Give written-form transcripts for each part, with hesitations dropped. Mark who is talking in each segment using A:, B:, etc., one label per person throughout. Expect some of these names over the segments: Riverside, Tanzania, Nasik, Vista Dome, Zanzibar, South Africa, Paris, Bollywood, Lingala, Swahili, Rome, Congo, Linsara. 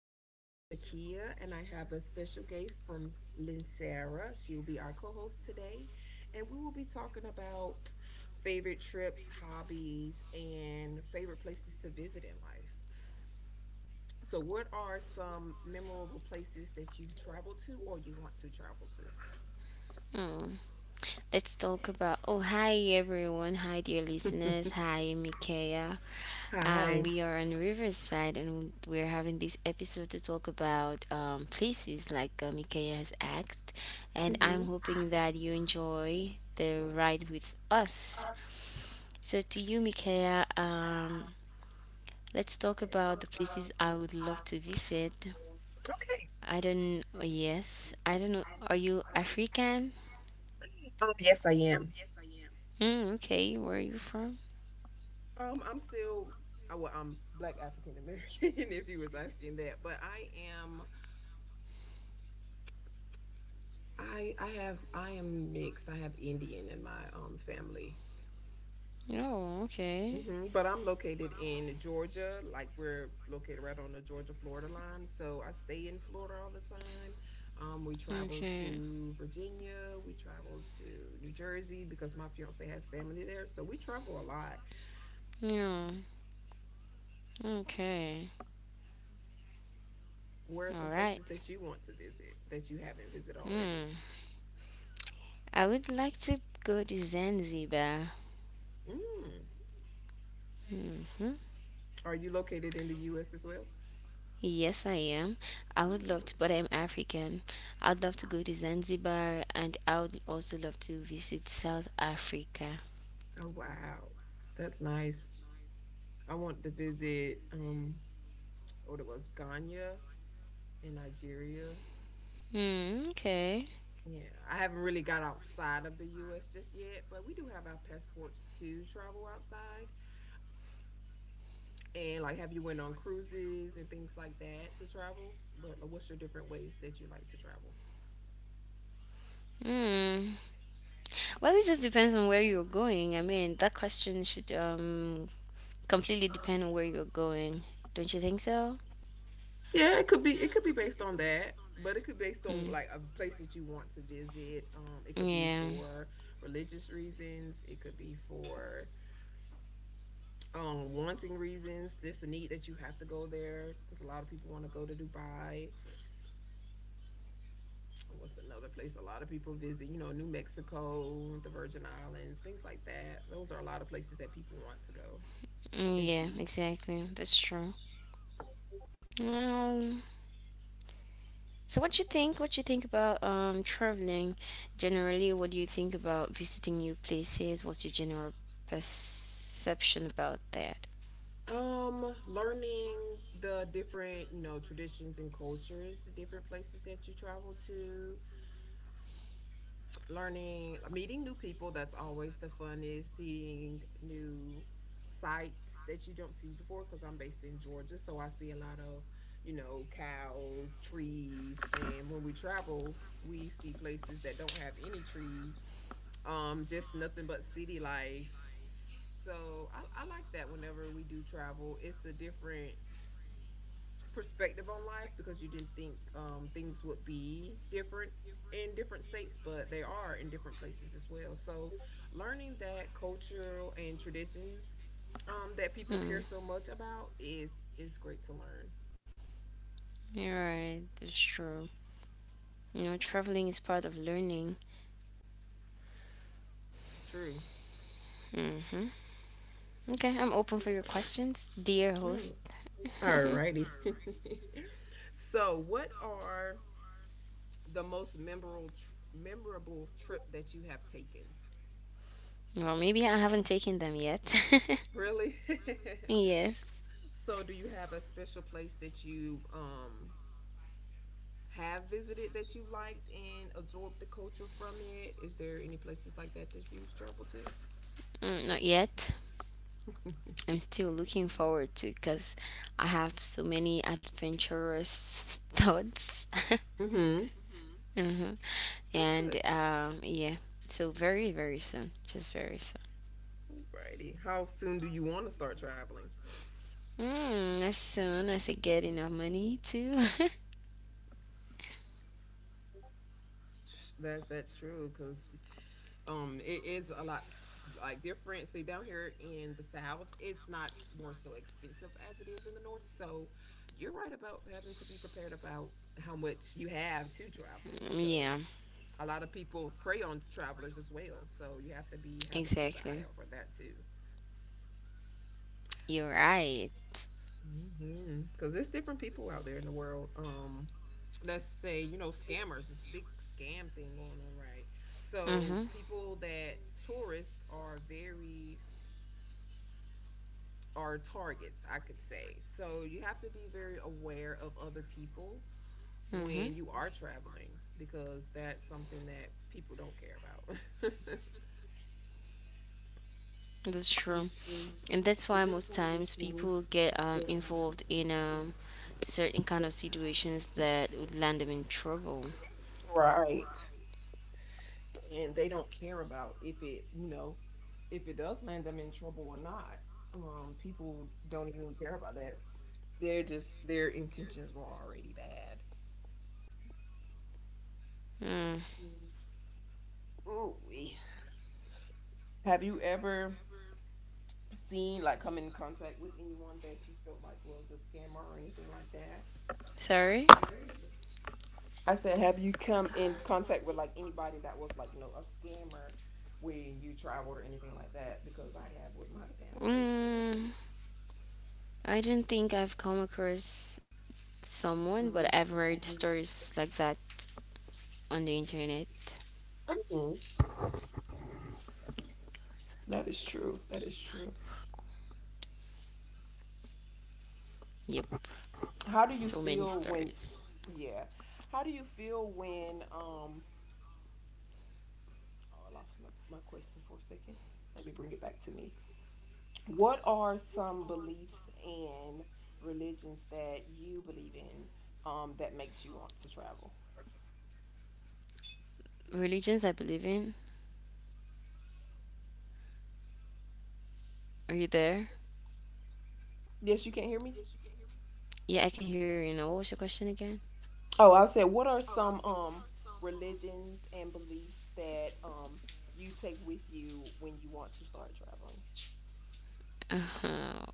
A: it's your host, Makia, and I have a special guest from Linsara. She will be our co host today, and we will be talking about favorite trips, hobbies, and favorite places to visit in life. So, what are some memorable places that you've traveled to or you want to travel
B: Mm. Let's talk about. Oh, hi everyone. Hi, dear
A: to?
B: listeners. Hi, Mikaya.
A: Hi.
B: We are on Riverside and we're having this episode to talk about places like Mikaya has asked. And I'm
A: Hmm.
B: hoping that you enjoy the ride with us. So, to you, Mikaya, let's talk about the places I would love to visit.
A: Okay.
B: I don't, Yes, I don't know. Are you African?
A: Yes, I am.
B: Hmm. Okay, where are you from?
A: I'm still, well, I'm Black African American, if you was asking that, but I am. I am mixed. I have Indian in my family.
B: Oh, okay.
A: Hmm. But I'm located in Georgia, like we're located right on the Georgia-Florida line. So I stay in Florida all the time. We travel
B: Okay.
A: to Virginia, we travel to New Jersey because my fiance has family there. So we travel a lot.
B: Yeah. Okay.
A: Where are
B: All
A: some
B: right.
A: places that you want to visit that you haven't visited already?
B: Hmm. I would like to go to Zanzibar.
A: Mm.
B: Hmm.
A: Are you located in the US as well?
B: Yes, I am. I would love to,
A: Already.
B: but I'm African. I'd love to go to Zanzibar, and I would also love to visit South Africa.
A: Oh wow. That's nice. I want to visit what it was Ghana in Nigeria.
B: Hmm. Okay.
A: Yeah, I haven't really got outside of the U.S. just yet, but we do have our passports to travel outside. And like, have you went on cruises and things like that to travel? What's your different ways that you like to travel?
B: Hmm. Well, it just depends on where you're going. I mean, that question should completely depend on where you're going. Don't you think so?
A: Yeah, it could be based on that, but it could be based on
B: Mm.
A: like a place that you want to visit. It could be
B: Yeah.
A: for religious reasons. It could be for wanting reasons this need that you have to go there because a lot of people want to go to Dubai. What's another place a lot of people visit? You know, New Mexico, the Virgin Islands, things like that. Those are a lot of places that people want to go and
B: Mm, yeah,
A: see.
B: exactly. That's true. Well, so what you think? What you think about traveling generally? What do you think about visiting new places? What's your general perception about that?
A: Learning the different, you know, traditions and cultures, the different places that you travel to, learning, meeting new people. That's always the funnest. Seeing new sites that you don't see before because I'm based in Georgia. So I see a lot of, you know, cows, trees. And when we travel, we see places that don't have any trees, just nothing but city life. So I like that whenever we do travel. It's a different perspective on life because you didn't think things would be different in different states, but they are in different places as well. So, learning that cultural and traditions that people care
B: Hmm.
A: so much about is great to learn.
B: You're right. That's true. You know, traveling is part of learning.
A: True.
B: Mm-hmm. Okay, I'm open for your questions, dear host.
A: Mm. Alrighty. So, what are the most memorable trip that you have taken?
B: Well, maybe I haven't taken them yet.
A: Really?
B: Yes.
A: So, do you have a special place that you have visited that you liked and absorbed the culture from it? Is there any places like that that you've traveled to?
B: Mm, not yet. I'm still looking forward to, because I have so many adventurous thoughts.
A: Mm-hmm.
B: Mhm.
A: That's good.
B: And yeah, so very, very soon, just very soon.
A: Righty. How soon do you want to start traveling?
B: Mm, as soon as I get enough money too.
A: That's true because it is a lot like different. See, down here in the south, it's not more so expensive as it is in the north. So you're right about having to be prepared about how much you have to travel because
B: Yeah,
A: a lot of people prey on travelers as well. So you have to be having to keep an eye out
B: exactly.
A: for that too.
B: You're right.
A: Mm-hmm. Because there's different people out there in the world. Let's say you know scammers. This big scam thing going on, right? So
B: Mm-hmm.
A: people that tourists are very, are targets, I could say. So you have to be very aware of other people
B: Mm-hmm.
A: when you are traveling because that's something that people don't care about.
B: That's true. And that's why most times people get involved in certain kind of situations that would land them in trouble.
A: Right. And they don't care about if it, you know, if it does land them in trouble or not. People don't even care about that. They're just, their intentions were already bad.
B: Mm.
A: Ooh. Have you ever seen, like, come in contact with anyone that you felt like was a scammer or anything like that?
B: Sorry?
A: I said, have you come in contact with like anybody that was like, you know, a scammer when you traveled or anything like that? Because I have with my family.
B: Mm, I don't think I've come across someone, but I've read stories like that on the internet.
A: Mhm. That is true. That is true.
B: Yep,
A: How do
B: so
A: you
B: many
A: feel when
B: stories.
A: yeah. How do you feel when oh I lost my question for a second. Let me bring it back to me. What are some beliefs and religions that you believe in that makes you want to travel?
B: Religions I believe in. Are you there?
A: Yes, you can't hear me?
B: Yeah, I can hear you now. What was your question again?
A: Oh, I said what are some religions and beliefs that you take with you when you want to start traveling?
B: Uh,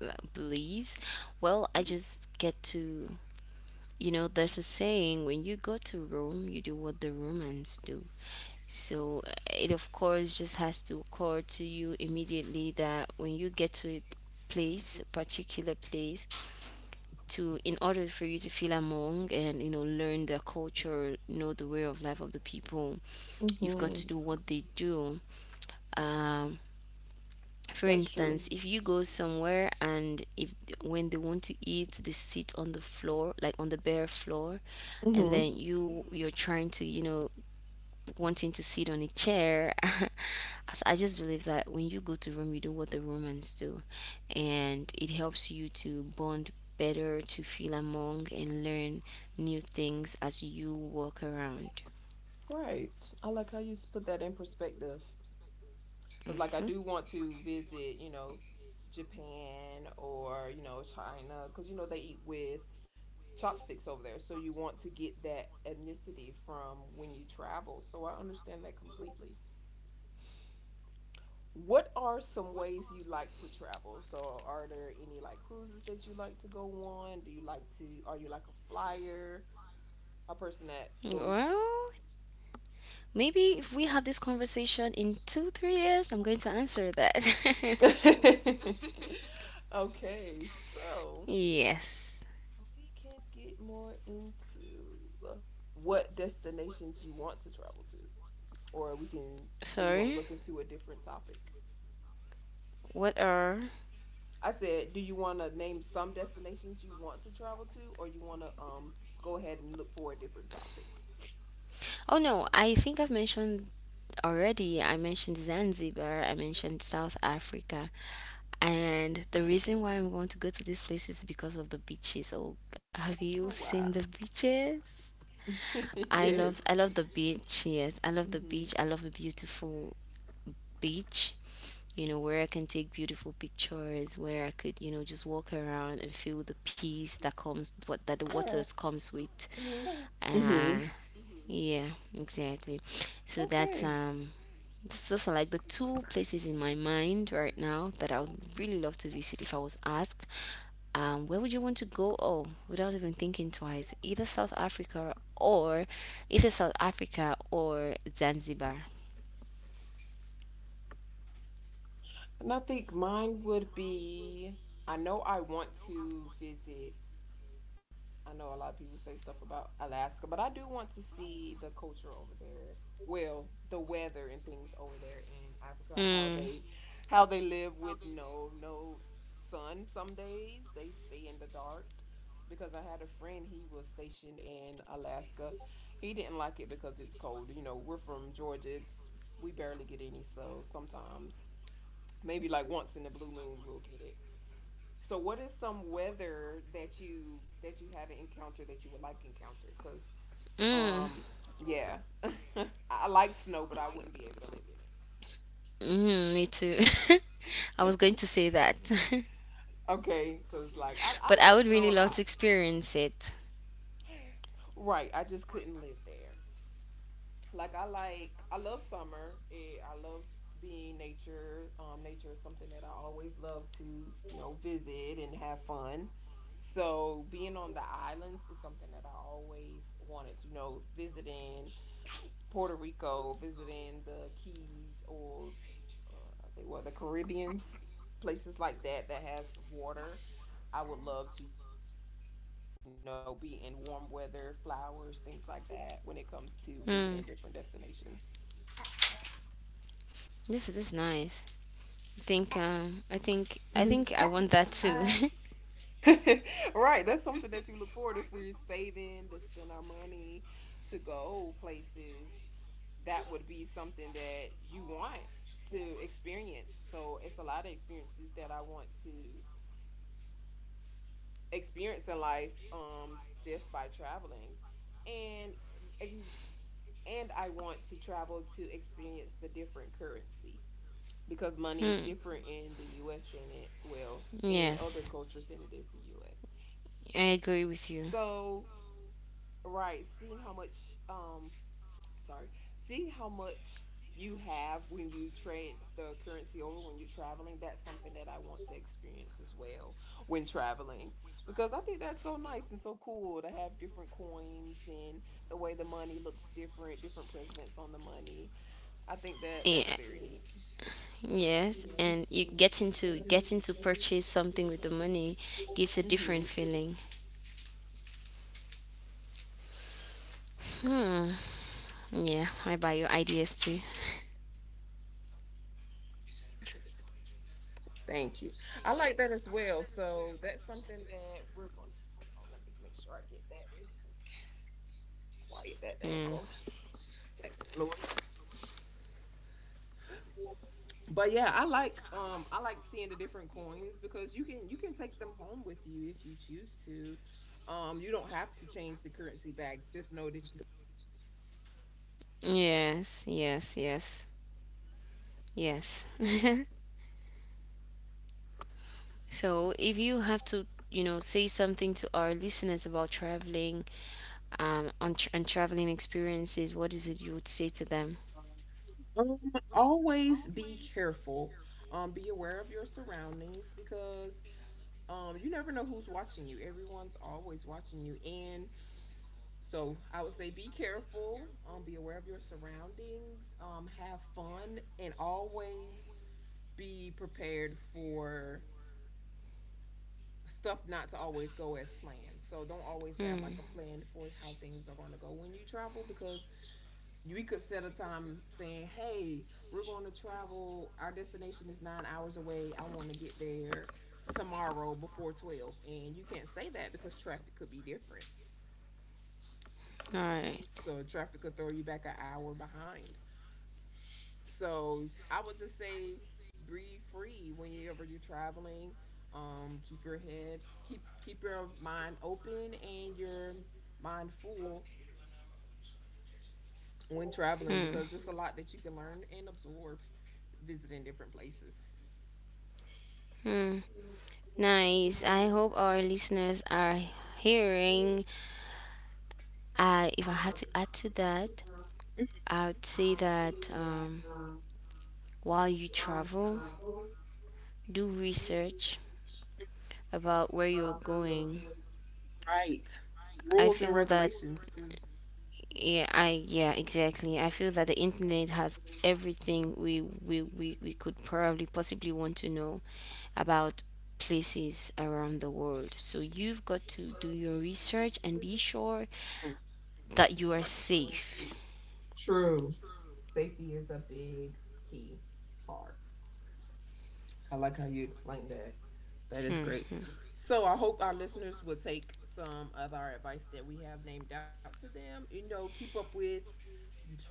B: like, beliefs. Well, I
A: Mhm.
B: just get to, you know, there's a saying: when you go to Rome, you do what the Romans do. So it of course just has to occur to you immediately that when you get to a place, a particular place, to in order for you to feel among and you know learn their culture, know the way of life of the people, you've got to
A: Mhm.
B: do what they do. Um, for
A: That's true.
B: instance, if you go somewhere and if when they want to eat, they sit on the floor, like on the bare floor, and
A: Hmm.
B: then you're trying to, you know, wanting to sit on a chair. As I just believe that when you go to Rome, you do what the Romans do, and it helps you to bond better, to feel among, and learn new things as you walk around.
A: Right. I like how you put that in perspective. Because, like, I
B: Hmm.
A: do want to visit, you know, Japan or, you know, China, because, you know, they eat with chopsticks over there. So you want to get that ethnicity from when you travel. So I understand that completely. What are some ways you like to travel? So are there any like cruises that you like to go on? Do you like to, are you like a flyer? A person that goes.
B: Well, maybe if we have this conversation in two, 3 years, I'm going to answer that.
A: Okay, so.
B: Yes.
A: We can get more into what destinations you want to travel to, or we can, or you want to
B: Sorry.
A: look into a different topic.
B: What are?
A: I said, do you want to name some destinations you want to travel to, or you want to go ahead and look for a different topic?
B: Oh no, I think I've mentioned already. I mentioned Zanzibar, I mentioned South Africa. And the reason why I'm going to go to this place is because of the beaches. Oh, have you
A: Oh
B: seen the
A: wow!
B: beaches?
A: Yes.
B: I love the beach. Yes, I love the beach.
A: Mhm.
B: I love a beautiful beach. You know, where I can take beautiful pictures, where I could, you know, just walk around and feel the peace that comes what that the waters comes with. Uh
A: Mhm.
B: yeah, exactly. So that's
A: Okay.
B: this is like the two places in my mind right now that I would really love to visit. If I was asked, where would you want to go? Oh, without even thinking twice, either South Africa or Zanzibar.
A: And I think mine would be. I know I want to visit, I know a lot of people say stuff about Alaska, but I do want to see the culture over there. Well, the weather and things over there in Africa, how
B: Mm,
A: they, how they live with no sun some days. They stay in the dark because I had a friend, he was stationed in Alaska. He didn't like it because it's cold. You know, we're from Georgia. It's, we barely get any, so sometimes maybe like once in the blue moon we'll get it. So, what is some weather that you, haven't encountered that you would like to encounter? Because
B: mm,
A: um, yeah, I like snow, but I wouldn't be able to live in it.
B: Me too. I was going to say that.
A: Okay, because I
B: But I
A: like
B: would
A: snow a
B: really love
A: lot.
B: to experience it.
A: Right, I just couldn't live there. I love summer. Eh, I love being nature. Nature is something that I always love to, you know, visit and have fun. So being on the islands is something that I always wanted. You know, visiting Puerto Rico, visiting the Keys, or I think what the Caribbeans, places like that that has water. I would love to, you know, be in warm weather, flowers, things like that when it comes to visiting different destinations.
B: Mm, this is nice. I think I
A: Mhm.
B: think I want that too.
A: Right, that's something that you look forward if we're saving to spend our money to go places. That would be something that you want to experience. So it's a lot of experiences that I want to experience in life just by traveling and ex- and I want to travel to experience the different currency because money is
B: Hmm.
A: different in the US than it, well, in other
B: Yes,
A: cultures than it is the US.
B: I
A: So
B: agree with you.
A: right, seeing how much um sorry, seeing how much you have when you trade the currency over when you're traveling, that's something that I want to experience as well when traveling because I think that's so nice and so cool to have different coins, and the way the money looks different, different presidents on the money. I think that that's
B: Yeah,
A: very
B: yes, and you getting to purchase something with the money gives a
A: neat. Hmm.
B: different feeling. Hmm. Yeah, I buy your ideas too.
A: Thank you. I like that as well. So that's something that we're going to hold on. Let me make sure I get that really quick. Quiet that
B: Mm.
A: down. Take the noise. But yeah, I like, I like seeing the different coins because you can take them home with you if you choose to. You don't have to change the currency back. Just know that you
B: Yes, yes, yes, yes. So if you have to, you know, say something to our listeners about traveling, on tr and traveling experiences, what is it you would say to them?
A: um, always be careful. Be aware of your surroundings because you never know who's watching you. Everyone's always watching you, and so I would say be careful. Be aware of your surroundings. Have fun, and always be prepared for stuff not to always go as planned. So don't always have like a
B: Hmm.
A: plan for how things are going to go when you travel because we could set a time saying, "Hey, we're going to travel. Our destination is 9 hours away. I want to get there tomorrow before 12." And you can't say that because traffic could be different.
B: All right.
A: So traffic could throw you back an hour behind. So I would just say breathe free whenever you're traveling. Keep your head, keep your mind open and your mind full when traveling
B: Hmm.
A: because it's a lot that you can learn and absorb visiting different places.
B: Hmm. Nice. I hope our listeners are hearing. If I had to add to that, I would say that, while you travel, do research about where you are going.
A: Right.
B: I
A: Rules and
B: feel that,
A: regulations too.
B: yeah, I yeah, exactly. I feel that the internet has everything we could probably possibly want to know about places around the world. So you've got to do your research and be sure that you are safe.
A: True. Safety is a big key part. I like how you explained that. That is
B: Hmm.
A: great. So I hope our listeners will take some of our advice that we have named out to them. You know, keep up with, stay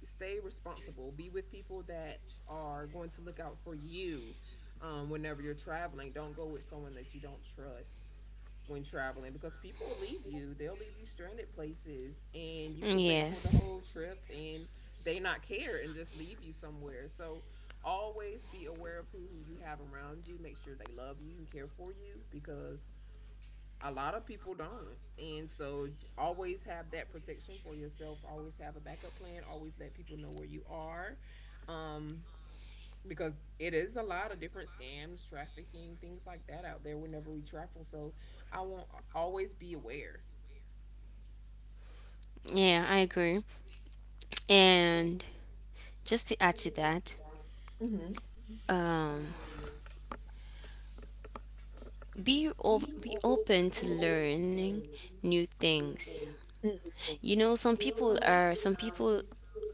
A: stay responsible. Be with people that are going to look out for you whenever you're traveling. Don't go with someone that you don't trust when traveling because people will leave you. They'll leave you stranded places, and you could pay for the
B: Yes.
A: whole trip and they not care and just leave you somewhere. So always be aware of who you have around you. Make sure they love you and care for you because a lot of people don't, and so always have that protection for yourself. Always have a backup plan. Always let people know where you are, um because it is a lot of different scams, trafficking, things like that out there whenever we travel. So I want always be aware.
B: Yeah, I agree. And just to add to that,
A: Hmm
B: um, be open to learning new things. You know, some people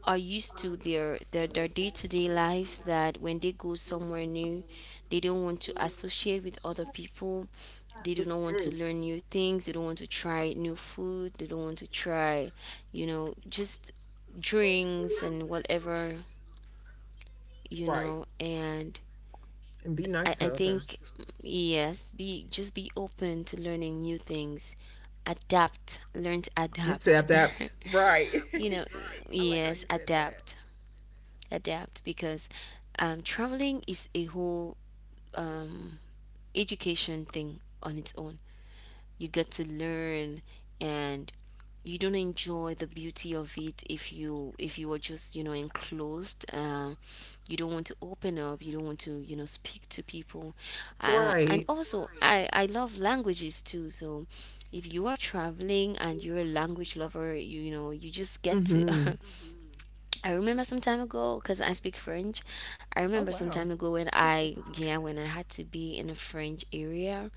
B: are used to their day to day lives, that when they go somewhere new, they don't want to associate with other people. They do not want to
A: Mm,
B: learn new things. They don't want to try new food. They don't want to try, you know, just drinks and whatever, you
A: right,
B: know, and
A: and be nice
B: I
A: to
B: think
A: others.
B: yes, be just be open to learning new things. Adapt, learn to
A: It's
B: adapt.
A: adapt. Right.
B: You know,
A: I like how
B: yes,
A: you said that.
B: adapt, adapt, because traveling is a whole um, education thing on its own. You get to learn, and you don't enjoy the beauty of it if you are just, you know, enclosed. You don't want to open up, you don't want to, you know, speak to people. And
A: Right.
B: also I love languages too, so if you are traveling and you're a language lover, you know you just get to.
A: hmm
B: I remember some time ago, because I speak French. I
A: oh
B: remember some
A: wow.
B: time ago when I yeah, when I had to be in a French area.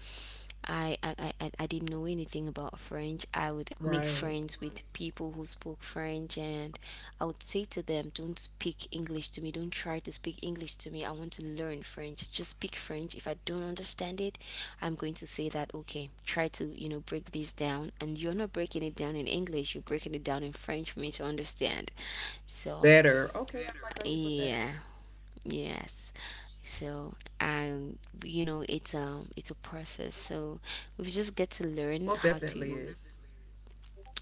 B: I didn't know anything about French. I would make
A: Right.
B: friends with people who spoke French, and I would say to them, "Don't speak English to me, don't try to speak English to me. I want to learn French. Just speak French. If I don't understand it, I'm going to say that okay, try to, you know, break this down." And you're not breaking it down in English, you're breaking it down in French for me to understand. So
A: Better. Okay, I like how you put that.
B: yeah, yes. So you know, it's a process. So we just get to learn
A: Most
B: how
A: definitely
B: to,
A: is.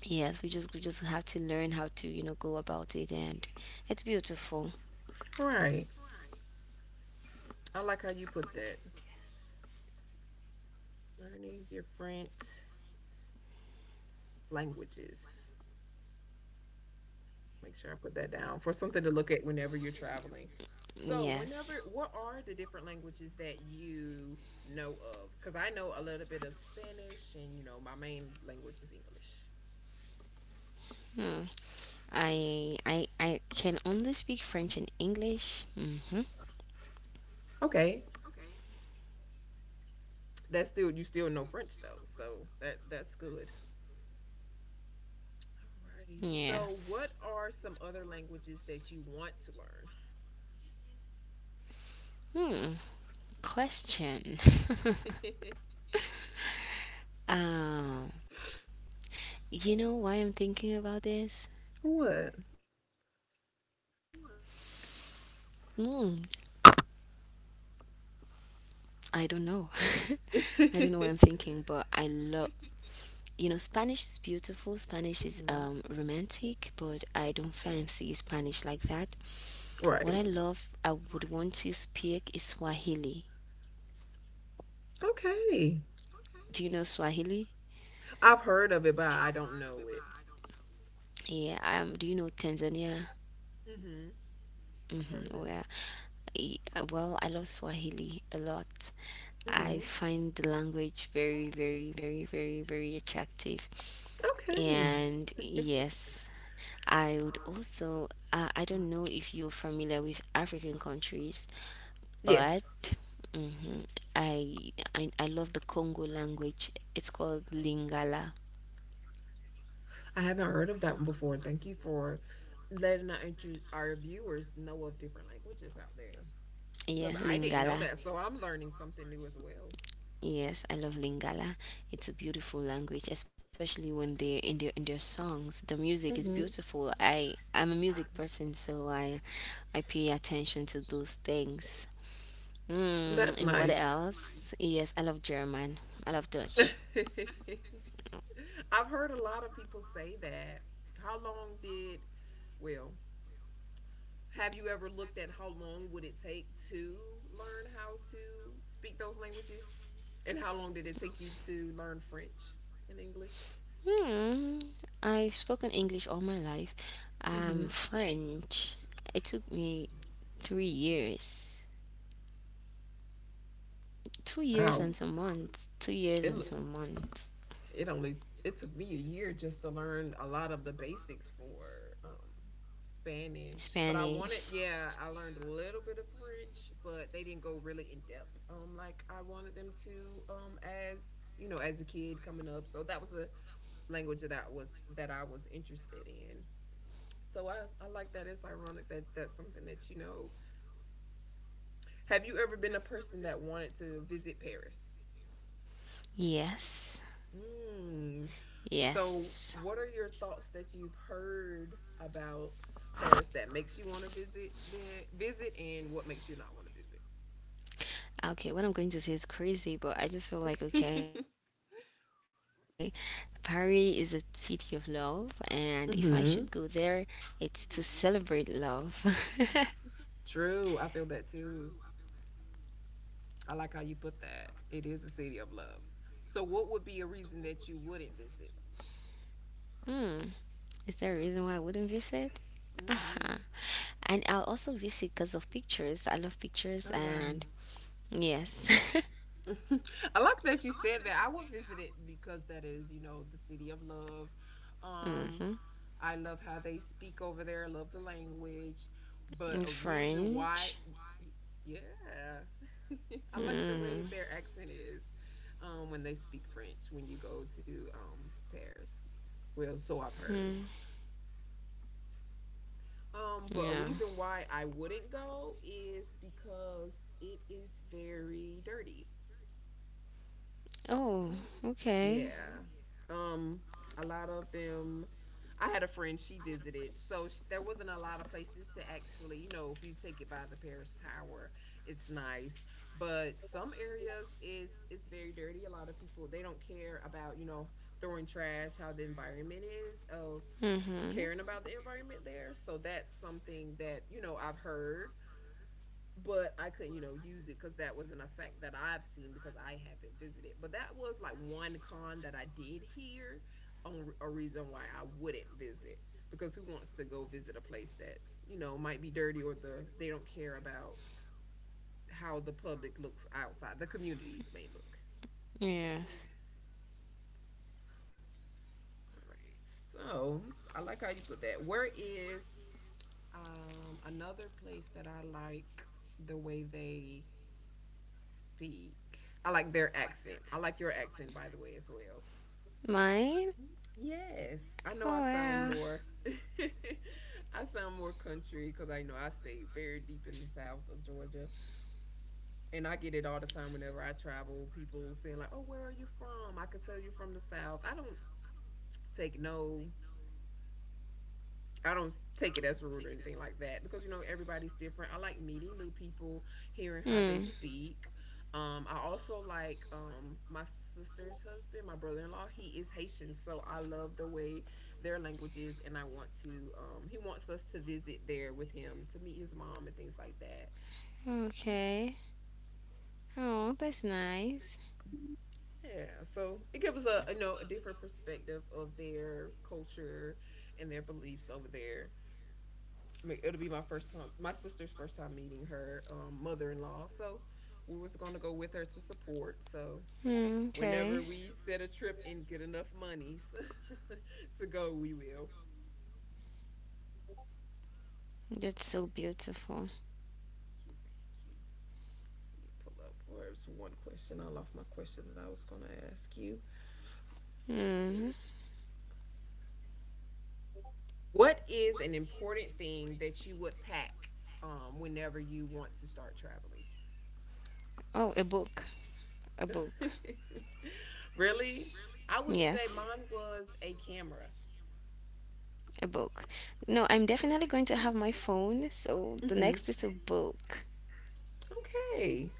B: yes, we just have to learn how to, you know, go about it, and it's beautiful.
A: All right. I like how you put that. Learning different languages. Make sure I put that down for something to look at whenever you're traveling. So,
B: Yes.
A: whenever, what are the different languages that you know of? Because I know a little bit of Spanish, and you know, my main language is English.
B: Hmm. I can only speak French and English. Mhm.
A: Okay. That's still, you still know French though. So, that that's good. Alrighty. So,
B: Yes.
A: what are some other languages that you want to
B: Hmm. Question.
A: learn?
B: um you know why I'm thinking about this?
A: What?
B: Hmm. I don't know. I don't know what I'm thinking, but I love, you know, Spanish is beautiful. Spanish is,
A: hmm
B: romantic, but I don't fancy Spanish like that. What I
A: Right.
B: love, I would want to speak is Swahili.
A: Okay.
B: Do you know Swahili?
A: I've heard of it, but I don't know it.
B: Yeah, do you know Tanzania?
A: Hmm I've
B: Mm-hmm,
A: heard of
B: where,
A: it.
B: eh, well, I love Swahili a lot. I
A: Hmm
B: find the language very, very, very, very, very attractive.
A: Okay.
B: And yes. I would also, I don't know if you're familiar with African countries, but
A: Yes.
B: mhm, I, I love the Congo language. It's called Lingala.
A: I haven't heard of that one before. Thank you for letting our viewers know of different languages out there. Because
B: Yeah,
A: I didn't know
B: Lingala.
A: that. So I'm learning something new as well.
B: Yes, I love Lingala. It's a beautiful language, especially when they're in their songs. The music is
A: Hmm
B: beautiful. I'm a music person, so I pay attention to those things. Mm,
A: That's
B: and what
A: nice.
B: else? Yes, I love German. I love Dutch.
A: I've heard a lot of people say that. How long did, well, Have you ever looked at how long would it take to learn how to speak those languages? And how long did it take you to learn French and English?
B: Hmm. I've spoken English all my life.
A: Hmm
B: French. It took me 3 years, 2 years
A: Wow.
B: and some months, 2 years
A: It
B: and
A: l-
B: some months.
A: it only it took me a year just to learn a lot of the basics for um Spanish. But
B: Spanish.
A: I learned a little bit of French, but they didn't go really in depth like I wanted them to, um, as, you know, as a kid coming up. So that was a language that I was interested in. So I, I like that. It's ironic that that's something that you know. Have you ever been a person that wanted to visit Paris?
B: Yes.
A: Mm. So
B: Yes.
A: what are your thoughts that you've heard about Paris that makes you want to visit the visit and what makes you not want to visit?
B: Okay, what I'm going to say is crazy, but I just feel like okay, Paris is a city of love, and if I should go there,
A: hmm
B: it's to celebrate love.
A: True. I feel that too. I like how you put that. It is a city of love. So what would be a reason that you wouldn't visit?
B: Hmm, is there a reason why I wouldn't visit? Uh-huh.
A: Hmm
B: And I'll also visit because of pictures. I love pictures,
A: Oh wow.
B: and yes.
A: I like that you said that. I will visit it because that is, you know, the city of love. Um,
B: Mm-hmm.
A: I love how they speak over there. I love the language. But a reason why,
B: French.
A: Yeah, I like the way
B: Mm-hmm.
A: their accent is, when they speak French when you go to, Paris. Well, so I've heard.
B: Hmm.
A: But a
B: Yeah.
A: reason why I wouldn't go is because it is very dirty.
B: Oh, okay.
A: Yeah. Um, a lot of them. I had a friend she visited, so sh there wasn't a lot of places to actually, you know, if you take it by the Paris Tower, it's nice. But some areas is it's very dirty. A lot of people they don't care about, you know, throwing trash, how the environment is of
B: Mm-hmm.
A: caring about the environment there. So that's something that, you know, I've heard, but I couldn't, you know, use it because that was an effect that I've seen because I haven't visited. But that was like one con that I did hear on a reason why I wouldn't visit, because who wants to go visit a place that's, you know, might be dirty or they don't care about how the public looks outside, the community may look.
B: Yes.
A: All right. So, I like how you put that. Where is, um, another place that I like the way they speak. I like their accent. I like your accent, by the way, as well.
B: Mine?
A: Yes, I know I
B: Oh
A: sound
B: yeah.
A: more. I sound more country because I know I stay very deep in the south of Georgia, and I get it all the time whenever I travel. People saying like, "Oh, where are you from?" I could tell you from the south. Take no I don't take it as rude or anything like that because you know everybody's different. I like meeting new people, hearing how they
B: Hmm.
A: speak. I also like, my sister's husband, my brother in law. He is Haitian, so I love the way their language is, and I want to. He wants us to visit there with him to meet his mom and things like that.
B: Okay. Oh, that's nice.
A: Yeah, so it gives us a, you know, a different perspective of their culture and their beliefs over there. It'll be my first time, my sister's first time meeting her, mother-in-law. So we was going to go with her to support. So
B: Hmm.
A: whenever
B: Okay.
A: we set a trip and get enough monies to go, we will.
B: That's so beautiful.
A: Thank you, thank you. Let me pull up. Or it was one question. I lost my question that I was going to ask you.
B: Hmm.
A: What is an important thing that you would pack, whenever you want to start traveling?
B: Oh, a book. A book.
A: Really? I would say
B: Yes.
A: mine was a camera.
B: A book. No, I'm definitely going to have my phone. So the
A: Hmm
B: next is a book.
A: Okay.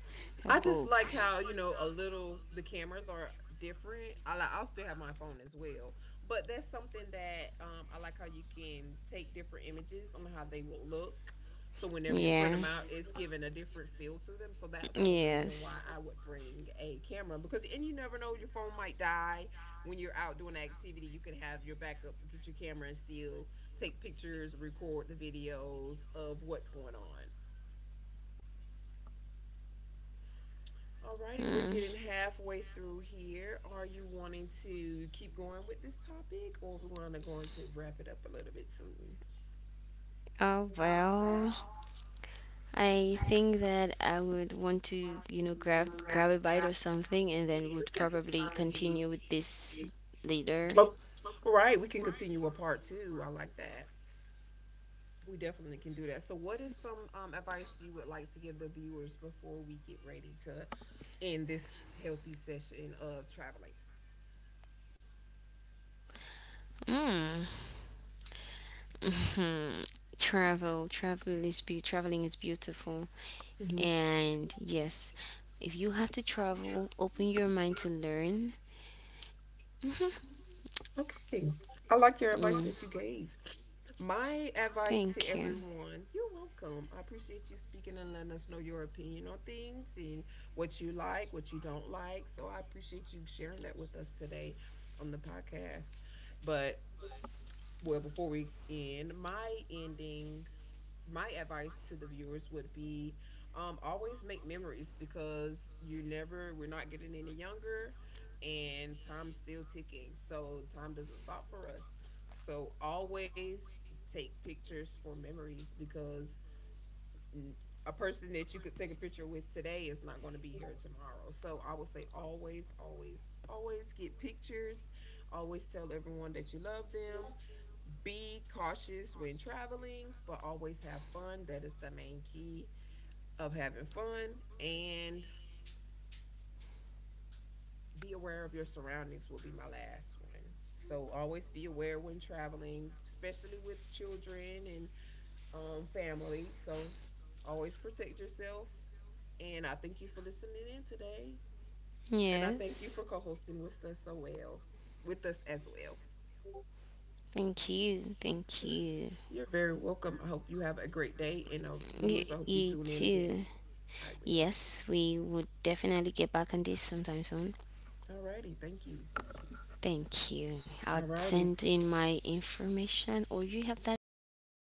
B: A
A: I just
B: book.
A: like how, you know, a little the cameras are different. I like I'll still have my phone as well. But that's something that, um, I like how you can take different images on how they will look. So whenever you print
B: Yeah.
A: them out, it's giving a different feel to them. So that's the only reason why
B: Yes.
A: I would bring a camera because and you never know your phone might die when you're out doing an activity. You can have your backup, get your camera and still take pictures, record the videos of what's going on. Alrighty, we're
B: Hmm.
A: getting halfway through here. Are you wanting to keep going with this topic, or are we want to go into wrap it up a little bit soon?
B: Oh well. I think that I would want to,
A: Okay.
B: you know, grab a bite or something, and then would probably continue with this later.
A: Oh, all right. We can continue with part two. I like that. We definitely can do that. So, what is some, advice you would like to give the viewers before we get ready to end this healthy session of traveling?
B: Mm. Travel is be traveling is beautiful, and yes, if you have to travel, open your mind to learn.
A: Okay. I like your advice
B: Mm.
A: that you gave. My advice to
B: Thank you.
A: everyone, you're welcome. I appreciate you speaking and letting us know your opinion on things and what you like, what you don't like. So I appreciate you sharing that with us today on the podcast. But, Before we end, my advice to the viewers would be, always make memories because you never we're not getting any younger, and time's still ticking, so time doesn't stop for us. So always take pictures for memories because a person that you could take a picture with today is not going to be here tomorrow. So I would say always, always, always get pictures. Always tell everyone that you love them. Be cautious when traveling, but always have fun. That is the main key of having fun. And be aware of your surroundings, will be my last one. So always be aware when traveling, especially with children and, family. So always protect yourself. And I thank you for listening in today. And I thank you
B: Yes.
A: for co hosting with us so well. With us as well.
B: Thank you. Thank you.
A: You're very welcome. I hope you have a great day. And, viewers, I hope you
B: You
A: tune in again.
B: too.
A: I will.
B: Yes, we would definitely get back on this sometime soon.
A: All righty. Thank you.
B: Thank you. I'll
A: All righty.
B: send in my information, or you have that already?